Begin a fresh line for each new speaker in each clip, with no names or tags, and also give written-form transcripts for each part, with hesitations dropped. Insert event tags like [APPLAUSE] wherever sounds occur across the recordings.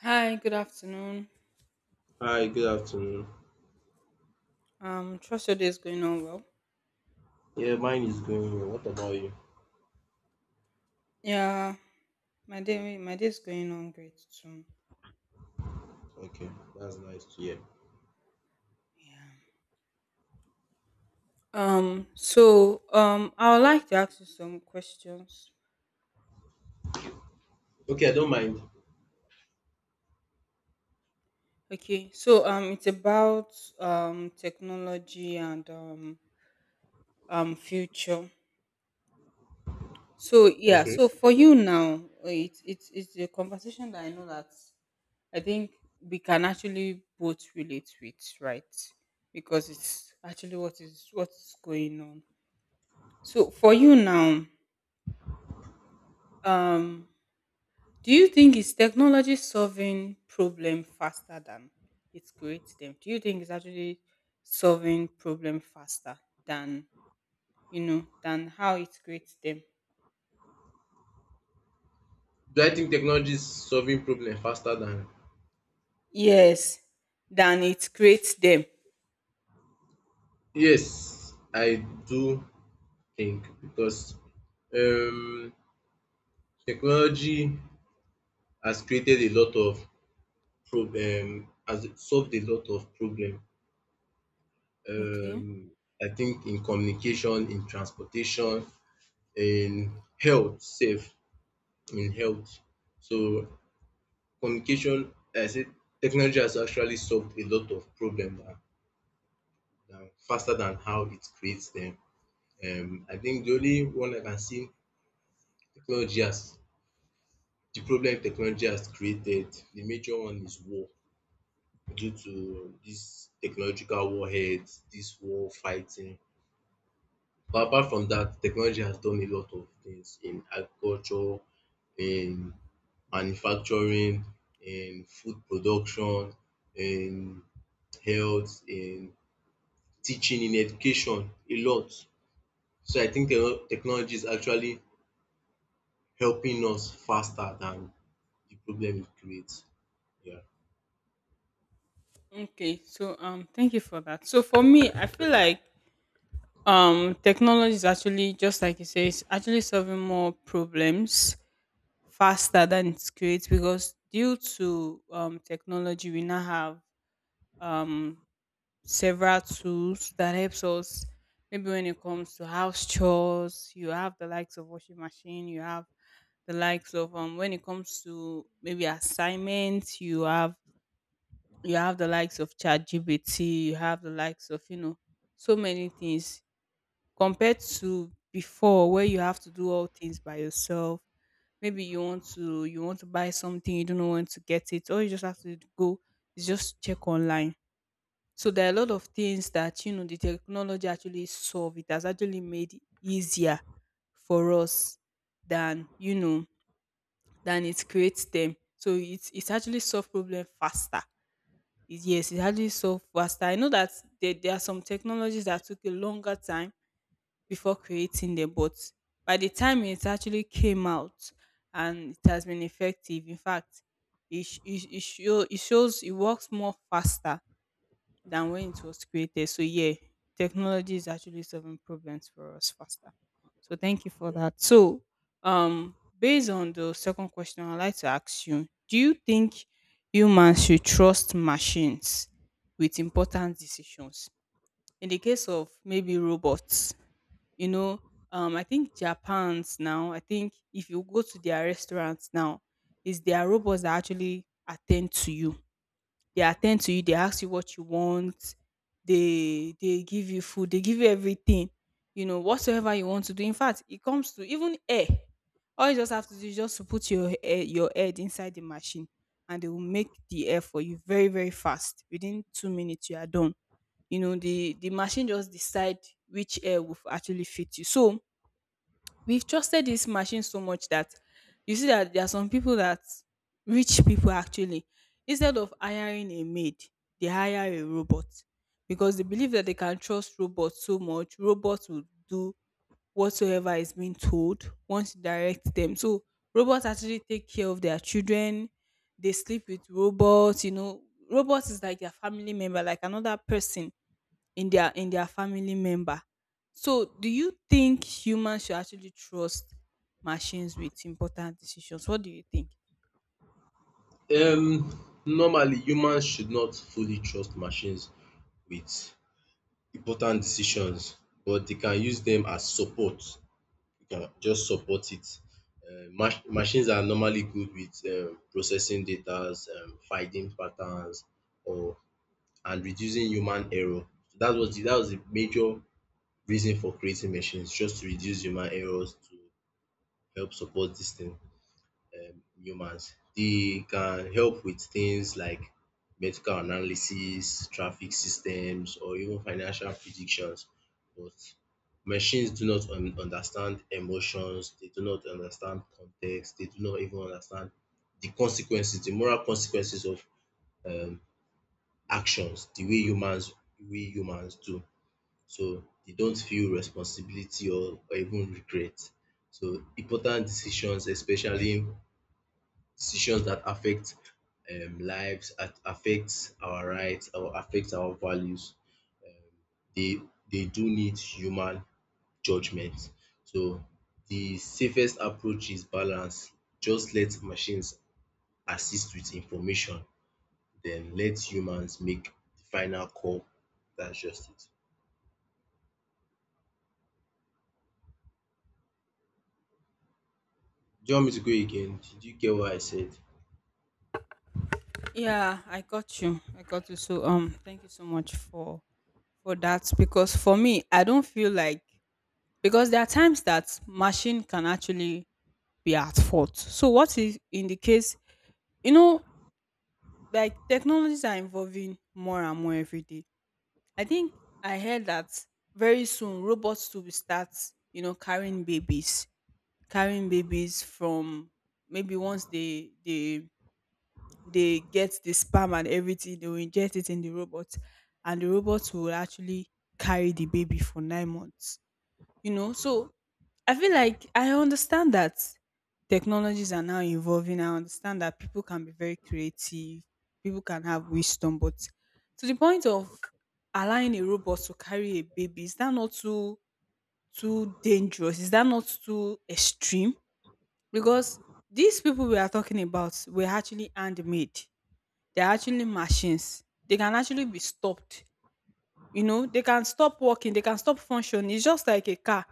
Hi, good afternoon.
Hi, good afternoon.
Trust your day is going on well.
Yeah, mine is going well. What about you?
Yeah, my day is going on great too.
Okay, that's nice to hear.
Yeah. I would like to ask you some questions.
Okay, I don't mind.
Okay, so it's about technology and future. So yeah,
Okay.
so for you now, it's a conversation that I know that I think we can actually both relate with, right? Because it's actually what is going on. So for you now, um, do you think is technology solving problem faster than it creates them? Do you think it's actually solving problem faster than than how it creates them?
Do I think technology is solving problems faster than?
Yes, than it creates them.
Yes, I do think because um, technology has created a lot of problem, has solved a lot of problem.
Okay.
Um, I think in communication, in transportation, in health, safe in health. So communication, I say technology has actually solved a lot of problems than faster than how it creates them. I think the only one I can see technology has the problem technology has created, the major one is war due to this technological warheads, this war fighting. But apart from that, technology has done a lot of things in agriculture, in manufacturing, in food production, in health, in teaching in education a lot. So I think technology is actually helping us faster than the problem it creates. Yeah.
Okay, so thank you for that. So for me, I feel like technology is actually just like you say, it's actually solving more problems faster than it creates because due to technology, we now have um several tools that helps us. Maybe when it comes to house chores, you have the likes of washing machine, you have the likes of when it comes to maybe assignments, you have the likes of ChatGPT, you have the likes of, you know, so many things compared to before where you have to do all things by yourself. Maybe you want to buy something, you don't know when to get it, or you just have to go is just check online. So there are a lot of things that you know the technology actually solve. It has actually made it easier for us than you know than it creates them. So it's actually solve problem faster is yes, it's actually so faster. I know that there are some technologies that took a longer time before creating them, but by the time it actually came out and it has been effective, in fact, it shows it works more faster than when it was created. So yeah, technology is actually solving problems for us faster. So thank you for that. So based on the second question, I'd like to ask you, do you think humans should trust machines with important decisions? In the case of maybe robots, you know, I think Japan's now, I think if you go to their restaurants now, it's their robots that actually attend to you they attend to you, they ask you what you want, they give you food, they give you everything, you know, whatsoever you want to do. In fact, it comes to even air. All you just have to do is just to put your air, your head inside the machine and they will make the air for you very, very fast. Within 2 minutes, you are done. You know, the machine just decide which air will actually fit you. So we've trusted this machine so much that you see that there are some people that rich people actually instead of hiring a maid they hire a robot because they believe that they can trust robots so much robots will do whatsoever is being told once you direct them so robots actually take care of their children they sleep with robots you know robots is like their family member like another person in their family member. So do you think humans should actually trust machines with important decisions? What do you think?
Um, Normally, humans should not fully trust machines with important decisions, but they can use them as support. You can just support it. Machines are normally good with processing data, finding patterns, or and reducing human error. So that was the major reason for creating machines just to reduce human errors to help support this thing humans. They can help with things like medical analysis, traffic systems or even financial predictions. But machines do not understand emotions, they do not understand context, they do not even understand the consequences, the moral consequences of um actions the way humans we humans do. So they don't feel responsibility or even regret. So important decisions, especially decisions that affect lives, that affect our rights or affect our values, they they do need human judgement. So the safest approach is balance. Just let machines assist with information, then let humans make the final call. That's just it. Do you want me to go again? Did you get what I said?
Yeah, I got you. So thank you so much for that because for me I don't feel like because there are times that machine can actually be at fault. So what if in the case you know like technologies are evolving more and more every day I think I heard that very soon robots will start, you know, carrying babies from maybe once they get the sperm and everything, they will inject it in the robot, and the robot will actually carry the baby for 9 months you know so I feel like I understand that technologies are now evolving I understand that people can be very creative people can have wisdom but to the point of allowing a robot to carry a baby is that not too too dangerous is that not too extreme because these people we are talking about were actually handmade they're actually machines they can actually be stopped you know they can stop working they can stop functioning it's just like a car.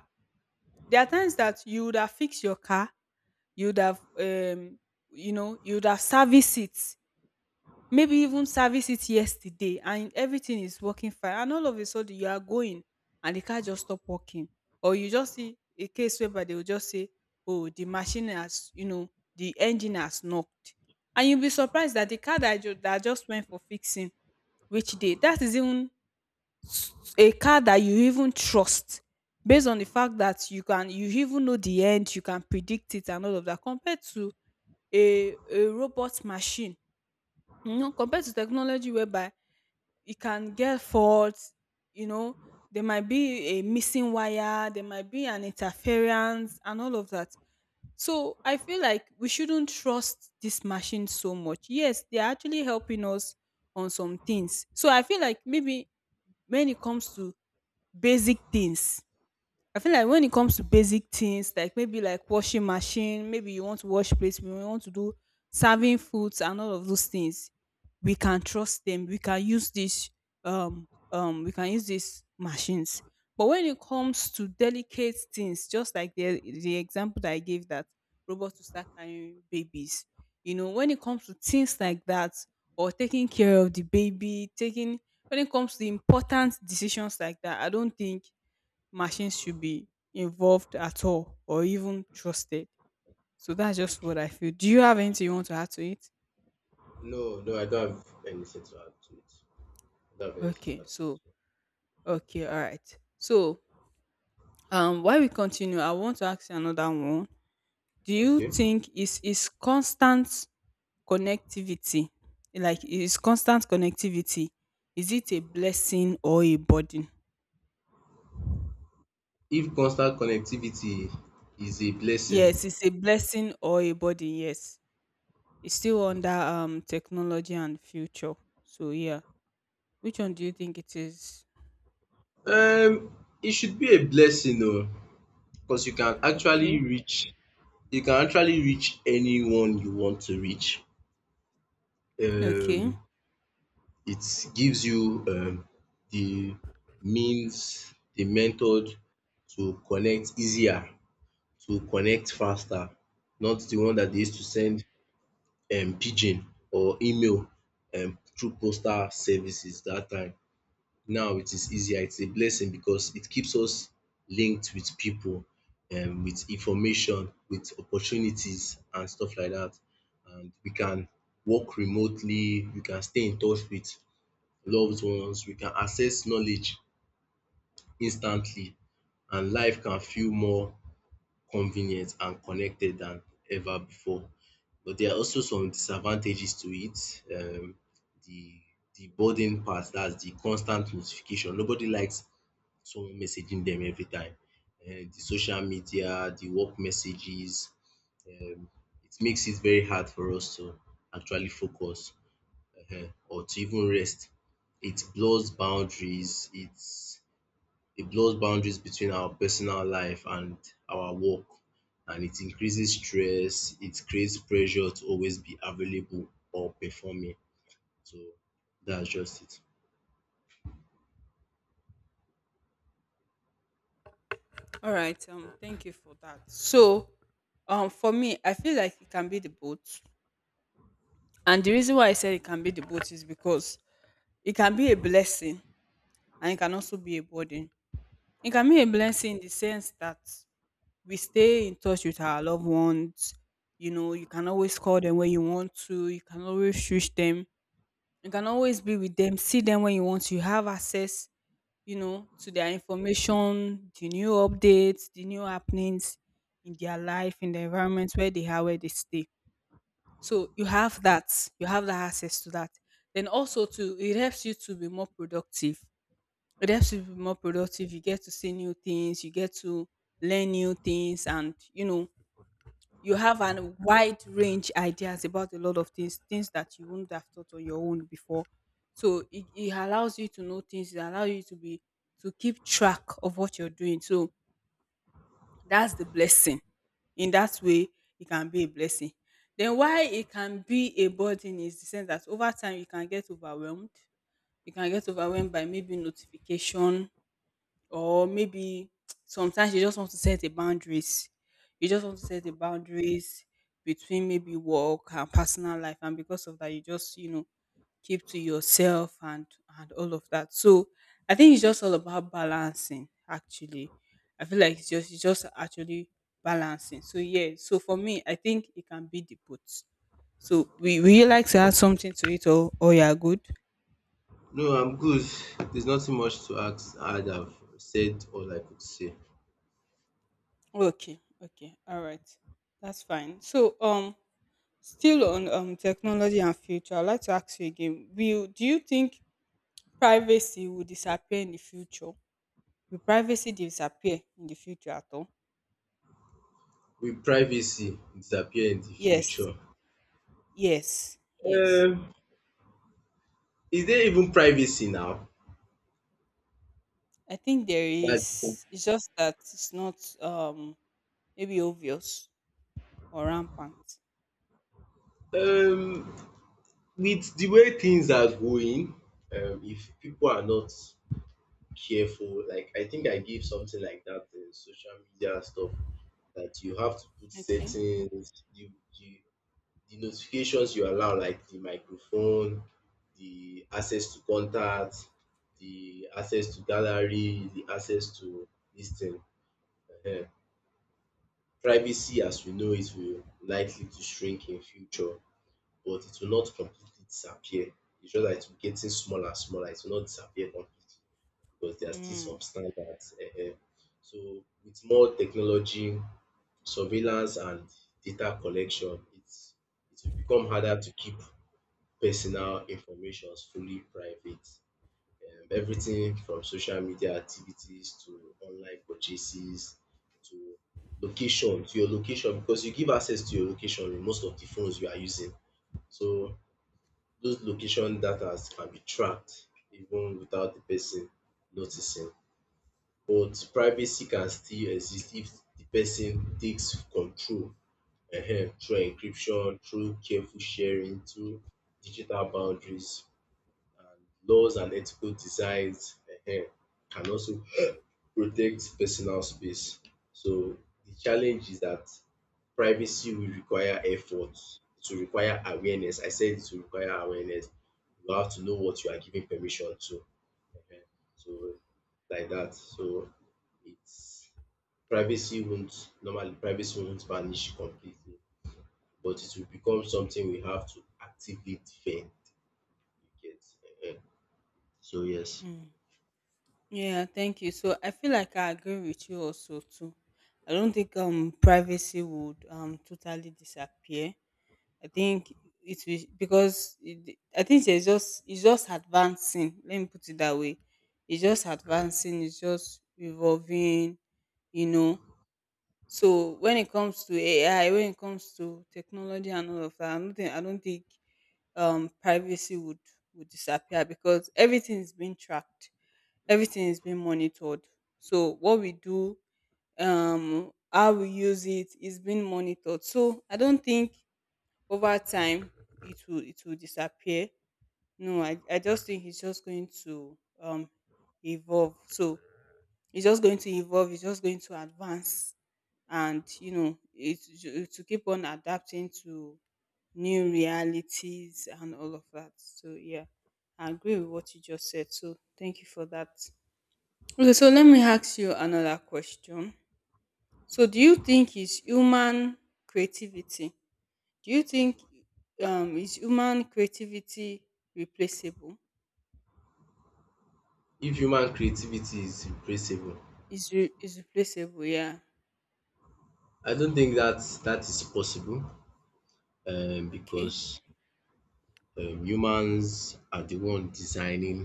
There are times that you would have fixed your car, you would have, you know, you would have serviced it, maybe even serviced it yesterday, and everything is working fine. And all of a sudden, you are going, and the car just stop working, or you just see a case whereby they will just say, "Oh, the machine has, you know, the engine has knocked," and you'll be surprised that the car that that just went for fixing, which day that is even a car that you even trust based on the fact that you can you even know the end you can predict it and all of that compared to a robot machine you know compared to technology whereby it can get faults, you know there might be a missing wire there might be an interference and all of that so I feel like we shouldn't trust this machine so much yes they are actually helping us on some things so I feel like maybe when it comes to basic things. I feel like when it comes to basic things like maybe like washing machine, maybe you want to wash plates, we want to do serving foods and all of those things, we can trust them. We can use this we can use these machines. But when it comes to delicate things, just like the example that I gave that robots to start carrying babies, you know, when it comes to things like that or taking care of the baby, taking when it comes to important decisions like that, I don't think machines should be involved at all or even trusted. So that's just what I feel. Do you have anything you want to add to it?
No, no, I don't have anything to add to it. I don't have anything to
Okay,
add to
so
it.
okay, all right. So while we continue, I want to ask you another one. Do you
Okay.
think is constant connectivity like is constant connectivity is it a blessing or a burden?
If constant connectivity is a blessing,
Yes, it's a blessing or a burden, yes. It's still under technology and future. So yeah. Which one do you think it is?
um, it should be a blessing though, because you can actually
Okay.
reach you can actually reach anyone you want to reach.
Okay.
Um, it gives you the means, the method to connect easier, to connect faster, not the one that they used to
Okay.
send pidgin or email through postal services that time. Now it is easier, it's a blessing because it keeps us linked with people, with information, with opportunities and stuff like that. And we can work remotely, we can stay in touch with loved ones, we can access knowledge instantly, and life can feel more convenient and connected than ever before. But there are also some disadvantages to it. The the burden part, that's the constant notification. Nobody likes someone messaging them every time. The social media, the work messages, um, it makes it very hard for us to actually focus, uh, or to even rest. It blurs boundaries. It blurs boundaries between our personal life and our work, and it increases stress. It creates pressure to always be available or performing. So that's just it.
All right. Thank you for that. So, for me, I feel like it can be the both, and the reason why I said it can be the both is because it can be a blessing and it can also be a burden. It can be a blessing in the sense that we stay in touch with our loved ones. You know, you can always call them when you want to. You can always reach them. You can always be with them, see them when you want to. You have access, you know, to their information, the new updates, the new happenings in their life, in the environment where they are, where they stay. So you have that. You have that access to that. Then also to it helps you to be more productive. It helps you to be more productive. You get to see new things, you get to learn new things and you know you have a wide range ideas about a lot of things things that you wouldn't have thought on your own before so it allows you to know things it allows you to be to keep track of what you're doing so that's the blessing in that way it can be a blessing then why it can be a burden is the sense that over time you can get overwhelmed you can get overwhelmed by maybe notification or maybe [TSK] sometimes you just want to set a boundaries. You just want to set a boundaries between maybe work and personal life, and because of that, you just you know keep to yourself and all of that. So I think it's just all about balancing. Actually, I feel like it's just actually balancing. So yeah. So for me, I think it can be the both. So we will you like to add something to it, or you are good?
No, I'm good. There's nothing much to ask, add. I've said all I could say.
Okay, okay, all right, that's fine. So, still on technology and future, I'd like to ask you again: Will do you think privacy will disappear in the future? Will privacy disappear in the future at all?
Will privacy disappear in the
Yes,
future?
yes, yes.
Um, is there even privacy now?
I think there
That
is. It's just that it's not um maybe obvious or rampant.
um, with the way things are going, if people are not careful. Like I think I give something like that in social media stuff that you have to put
Okay.
settings, you the notifications you allow, like the microphone, the access to contacts, the access to gallery, the access to this thing. Ehen. Privacy as we know it will likely to shrink in future, but it will not completely disappear. It's just that it will getting smaller and smaller, it will not disappear completely, because there are still
Mm,
some standards. um So with more technology, surveillance and data collection, it will become harder to keep personal information fully private. Everything from social media activities to online purchases to location, to your location, because you give access to your location in most of the phones you are using. So those location data can be tracked even without the person noticing. But privacy can still exist if the person takes control through encryption, through careful sharing, through digital boundaries and laws and ethical designs, um can also protect personal space. So the challenge is that privacy will require effort, to require awareness. I said to require awareness. You have to know what you are giving permission to. um So like that. So it's Privacy won't normally privacy won't vanish completely, but it will become something we have to actively defend. You get? Ehen. So yes,
mm. Yeah, thank you. So I feel like I agree with you also too. I don't think privacy would totally disappear. I think it will because I think it's just advancing. Let me put it that way. It's just advancing. It's just evolving. You know. So when it comes to AI, when it comes to technology and all of that, I don't think privacy would disappear because everything is being tracked, everything is being monitored. So what we do, how we use it is being monitored. So I don't think over time it will disappear. No, I just think he's just going to evolve. So it's just going to evolve. It's just going to advance, and to keep on adapting to new realities and all of that. So yeah, I agree with what you just said. So thank you for that. Okay, so let me ask you another question. So do you think is human creativity? Do you think is human creativity replaceable?
if human creativity is replaceable,
Is replaceable, yeah.
I don't think that that is possible,
Okay.
because humans are the one designing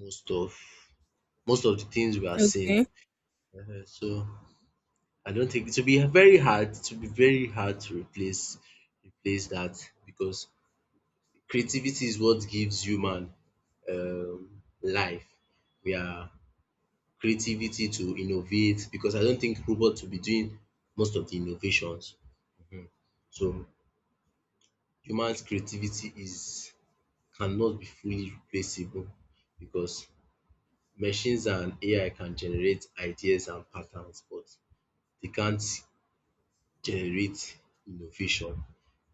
most of most of the things we are seeing.
Okay.
Ehen. So I don't think it will be very hard, it will be very hard to replace that, because creativity is what gives human, life. We are creativity to innovate, because I don't think robots will be doing most of the innovations. So human's creativity is cannot be fully replaceable, because machines and AI can generate ideas and patterns, but they can't generate innovation.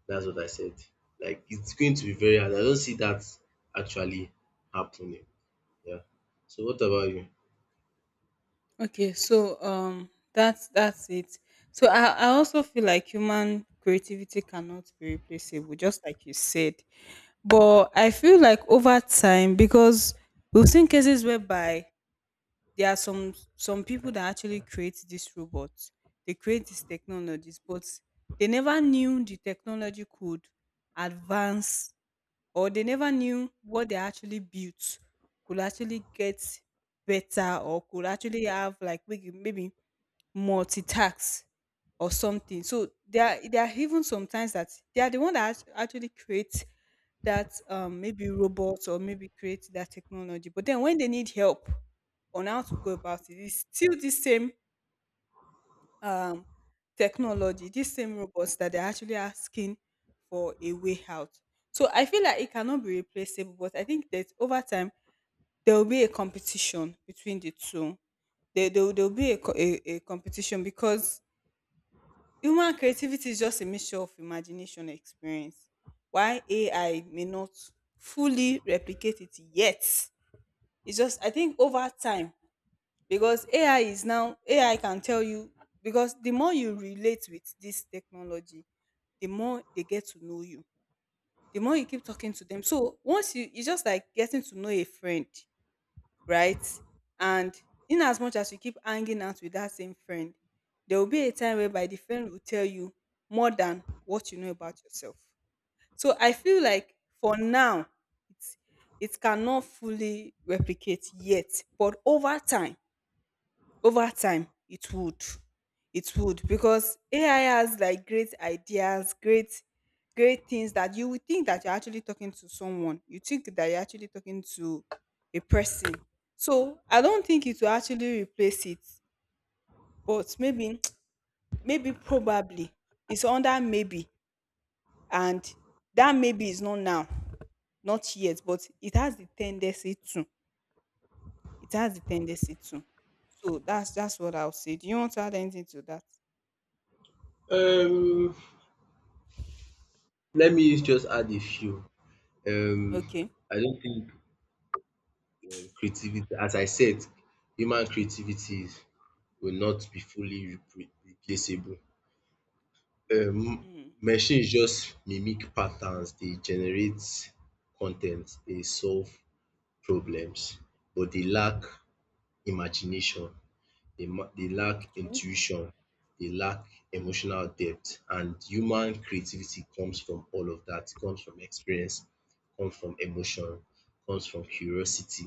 That's what I said. Like it's going to be very hard. I don't see that actually happening. Yeah. So what about you?
Okay, so that's it. So I also feel like human creativity cannot be replaceable, just like you said. But I feel like over time, because we've seen cases whereby there are some people that actually create these robots, they create these technologies, but they never knew the technology could advance, or they never knew what they actually built could actually get better or could actually have like maybe multi-tax or something. So there are even sometimes that they are the one that actually create that maybe robots or maybe create that technology. But then when they need help on how to go about it, it's still the same um, technology, these same robots that they're actually asking for a way out. So I feel like it cannot be replaceable, but I think that over time there will be a competition between the two. There will be a competition because human creativity is just a mixture of imagination and experience. Why AI may not fully replicate it yet. It's just, I think over time, because AI is now AI can tell you, because the more you relate with this technology, the more they get to know you. The more you keep talking to them. So once you, it's just like getting to know a friend, right? And in as much as you keep hanging out with that same friend, there will be a time whereby the friend will tell you more than what you know about yourself. So I feel like for now, it's, it cannot fully replicate yet, but over time, it would. It would, because AI has like great ideas, great things that you would think that you're actually talking to someone. You think that you're actually talking to a person. So I don't think it will actually replace it, but maybe [TSK] maybe probably it's under maybe, and that maybe is not now, not yet, but it has the tendency to. It has the tendency to. So that's what I'll say. Do you want to add anything to that?
Um, let me just add a few. Um,
Okay.
I don't think creativity, as I said, human creativity will not be fully replaceable. Um,
Mm.
machines just mimic patterns, they generate content. They solve problems, but they lack imagination. They lack intuition, they lack emotional depth, and human creativity comes from all of that. It comes from experience, comes from emotion, comes from curiosity,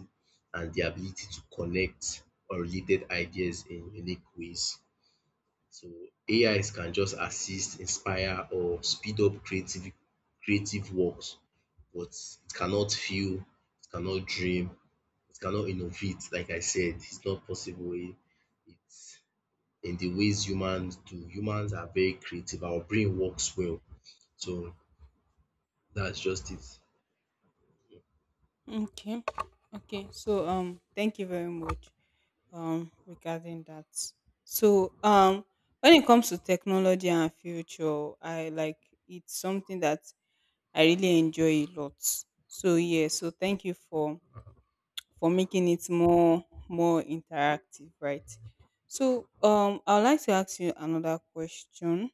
and the ability to connect unrelated ideas in unique ways. So AIs can just assist, inspire, or speed up creative works, but it cannot feel, it cannot dream, it cannot innovate. Like I said, it's not possible. It's in the ways humans do. Humans are very creative. Our brain works well. So that's just it.
Okay. Okay. So thank you very much regarding that. So when it comes to technology and future, I like, it's something that I really enjoy a lot. So yeah, so thank you for making it more interactive, right? So I'd like to ask you another question.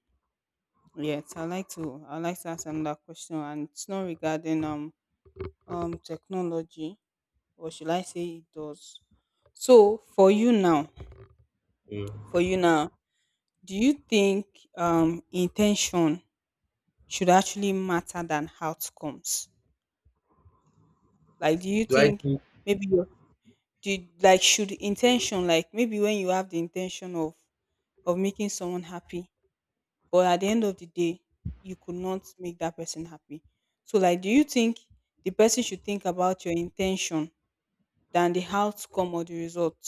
Yes, I like to ask another question, and it's not regarding technology, or should I say it does. So
Mm.
for you now, do you think intention should actually matter than outcomes? Like do you
Do I
think
think
maybe your, like should intention, like maybe when you have the intention of making someone happy, but at the end of the day, you could not make that person happy. So like do you think the person should think about your intention than the outcome or the result?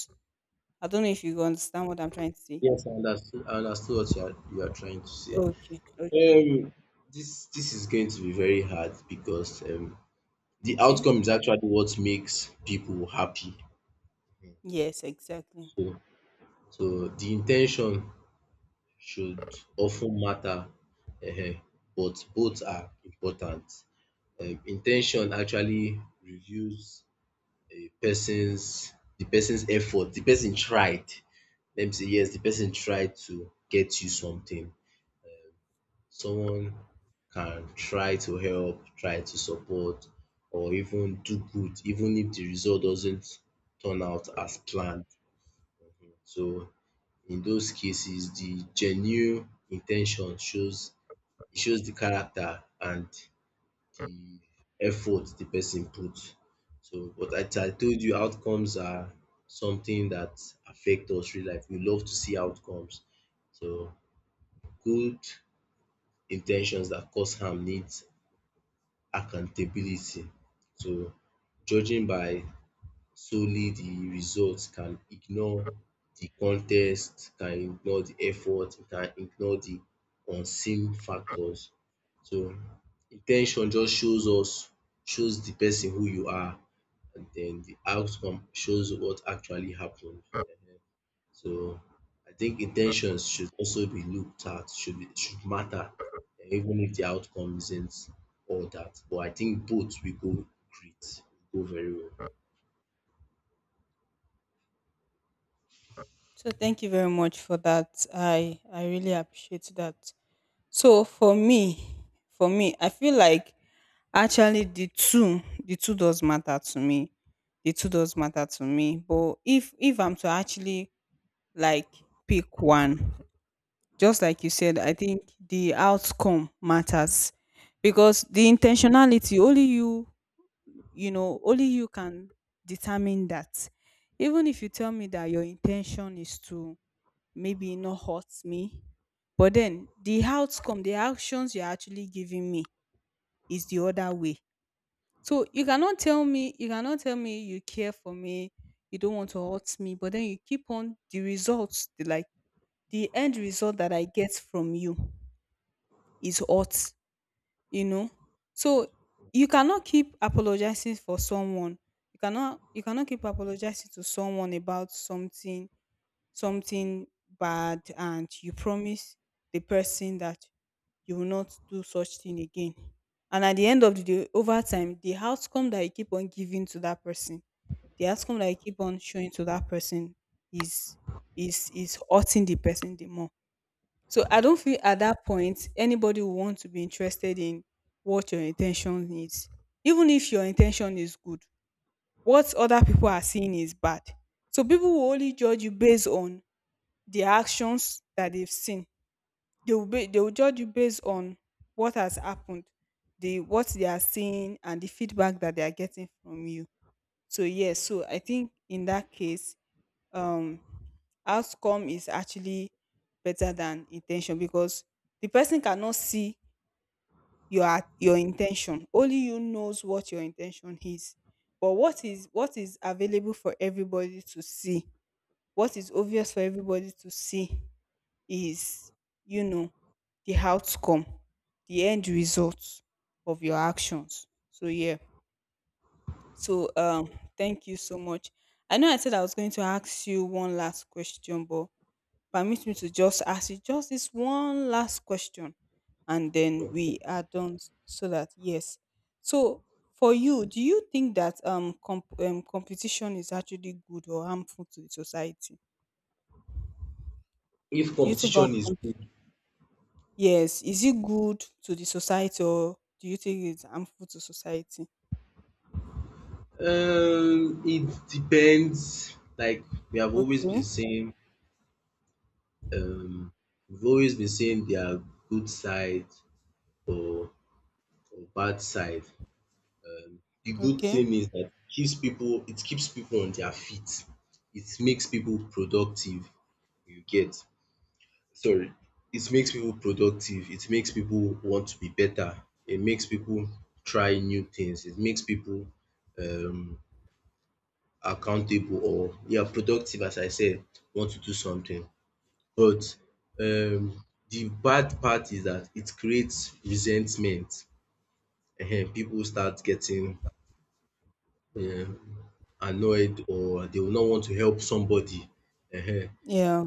I don't know if you understand what I'm trying to say.
Yes, I understood what you are trying to say.
Okay, okay,
Um, this is going to be very hard because, the
okay.
outcome is actually what makes people happy.
Yes, exactly.
So, so, the intention should often matter, uh, but both are important. Intention actually reveals a person's the person's effort, the person tried. Let me say yes, the person tried to get you something. Someone can try to help, try to support, or even do good, even if the result doesn't turn out as planned. So in those cases, the genuine intention shows the character and the effort the person put. So, but as I told you, outcomes are something that affect us real life. We love to see outcomes. So, good intentions that cause harm needs accountability. So, judging by solely the results can ignore the context, can ignore the effort, can ignore the unseen factors. So in ten tion just shows the person who you are, and then the outcome shows what actually happened. um So I think in ten tions should also be looked at, should matter, even if the outcome isn't all that, but I think both great will go very well.
So thank you very much for that. I really appreciate that. So for me, I feel like actually the two does matter to me. The two does matter to me. But if I'm to actually like pick one, just like you said, I think the outcome matters, because the intentionality, only you, you know only you can determine that. Even if you tell me that your intention is to maybe not hurt me, but then the outcome, the actions you're actually giving me is the other way. So you cannot tell me you care for me, you don't want to hurt me, but then you keep on, the results, like the end result that I get from you is hurt, you know. So you cannot keep apologizing for someone, you cannot keep apologizing to someone about something, something bad, and you promise the person that you will not do such thing again, and at the end of the day, over time, the outcome that you keep on giving to that person, the outcome that you keep on showing to that person is is hurting the person the more. So I don't feel at that point anybody will want to be interested in what your intention is. Even if your intention is good, what other people are seeing is bad. So people will only judge you based on the actions that they've seen. They will judge you based on what has happened, the what they are seeing, and the feedback that they are getting from you. So yes, so I think in that case um outcome is actually better than intention, because the person cannot see your intention. Only you knows what your intention is, but what is available for everybody to see, what is obvious for everybody to see is, you know, the outcome, the end result of your actions. So yeah, so thank you so much. I know I said I was going to ask you one last question, but permit me to just ask you just this one last question, and then
Okay.
we are done. So that, yes, so for you, do you think that competition is actually good or harmful to the society?
If
Do you think on
competition is good,
yes, is it good to the society or do you think it's harmful to society?
it depends. Like we have always been
Okay.
saying, um their good side, or, or bad side. The good
Okay.
thing is that it keeps people on their feet. It makes people productive. You get sorry. It makes people productive. It makes people want to be better. It makes people try new things. It makes people um accountable, or yeah, productive, as I said, want to do something. But um the bad part is that it creates resentment. Ehen, people start getting annoyed, or they will not want to help somebody.
Yeah.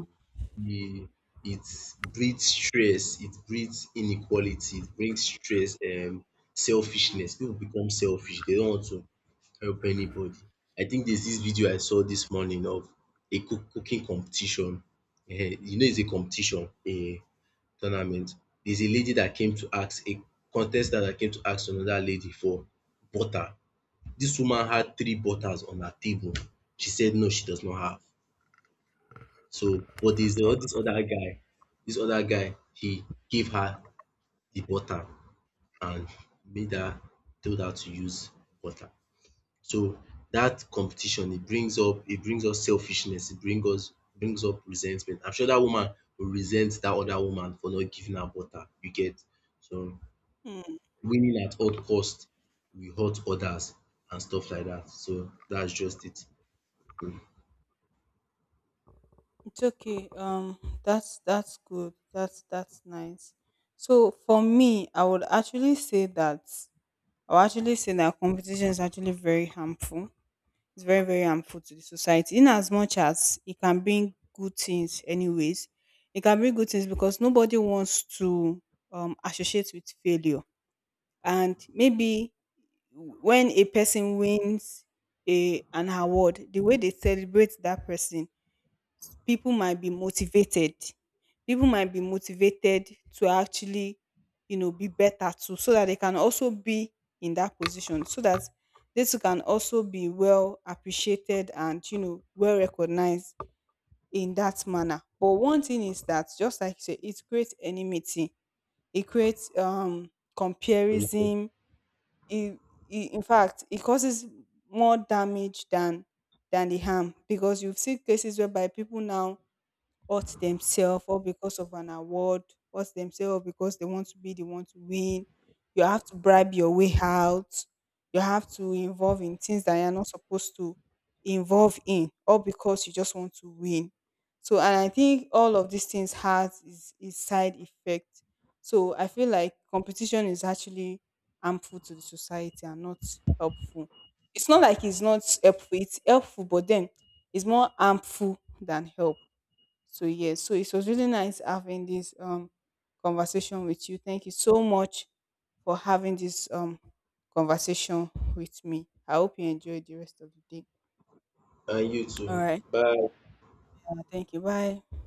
It breeds stress, it breeds inequality, it brings stress, selfishness. People become selfish. They don't want to help anybody. I think there's this video I saw this morning of a cooking competition. Ehen, you know it's a competition. A tournament, there's a lady that came to ask, a contestant that came to ask another lady for butter. This woman had three butters on her table. She said no, she does not have. So, but there's all this other guy, he gave her the butter and made her told her to use butter. So that competition, it brings us selfishness, it brings up resentment. I'm sure that woman will resent that other woman for not giving her butter, you get. So
Mm,
winning at all cost will hurt others and stuff like that. So that's just it.
it's okay. That's good. That's nice. So for me, I would actually say that I'll actually say that competition is actually very harmful. It's very harmful to the society. In as much as it can bring good things, anyways, it can bring good things, because nobody wants to associate with failure. And maybe when a person wins a an award, the way they celebrate that person, people might be motivated people might be motivated to actually, you know, be better too, so that they can also be in that position, so that this can also be well appreciated and, you know, well recognized in that manner. But one thing is that, just like you say, it creates enmity, it creates comparison, it, in fact it causes more damage than the harm, because you've seen cases whereby people now hurt themselves, or because of an award, hurt themselves because they want to be the one to win. You have to bribe your way out. You have to involve in things that you're not supposed to involve in, all because you just want to win. So, and I think all of these things has its side effect. So, I feel like competition is actually harmful to the society and not helpful. It's not like it's not helpful; it's helpful, but then it's more harmful than help. So yes, so it was really nice having this conversation with you. Thank you so much for having this conversation with me. I hope you enjoyed the rest of the day.
And you
All
too.
right.
Bye.
Thank you. Bye.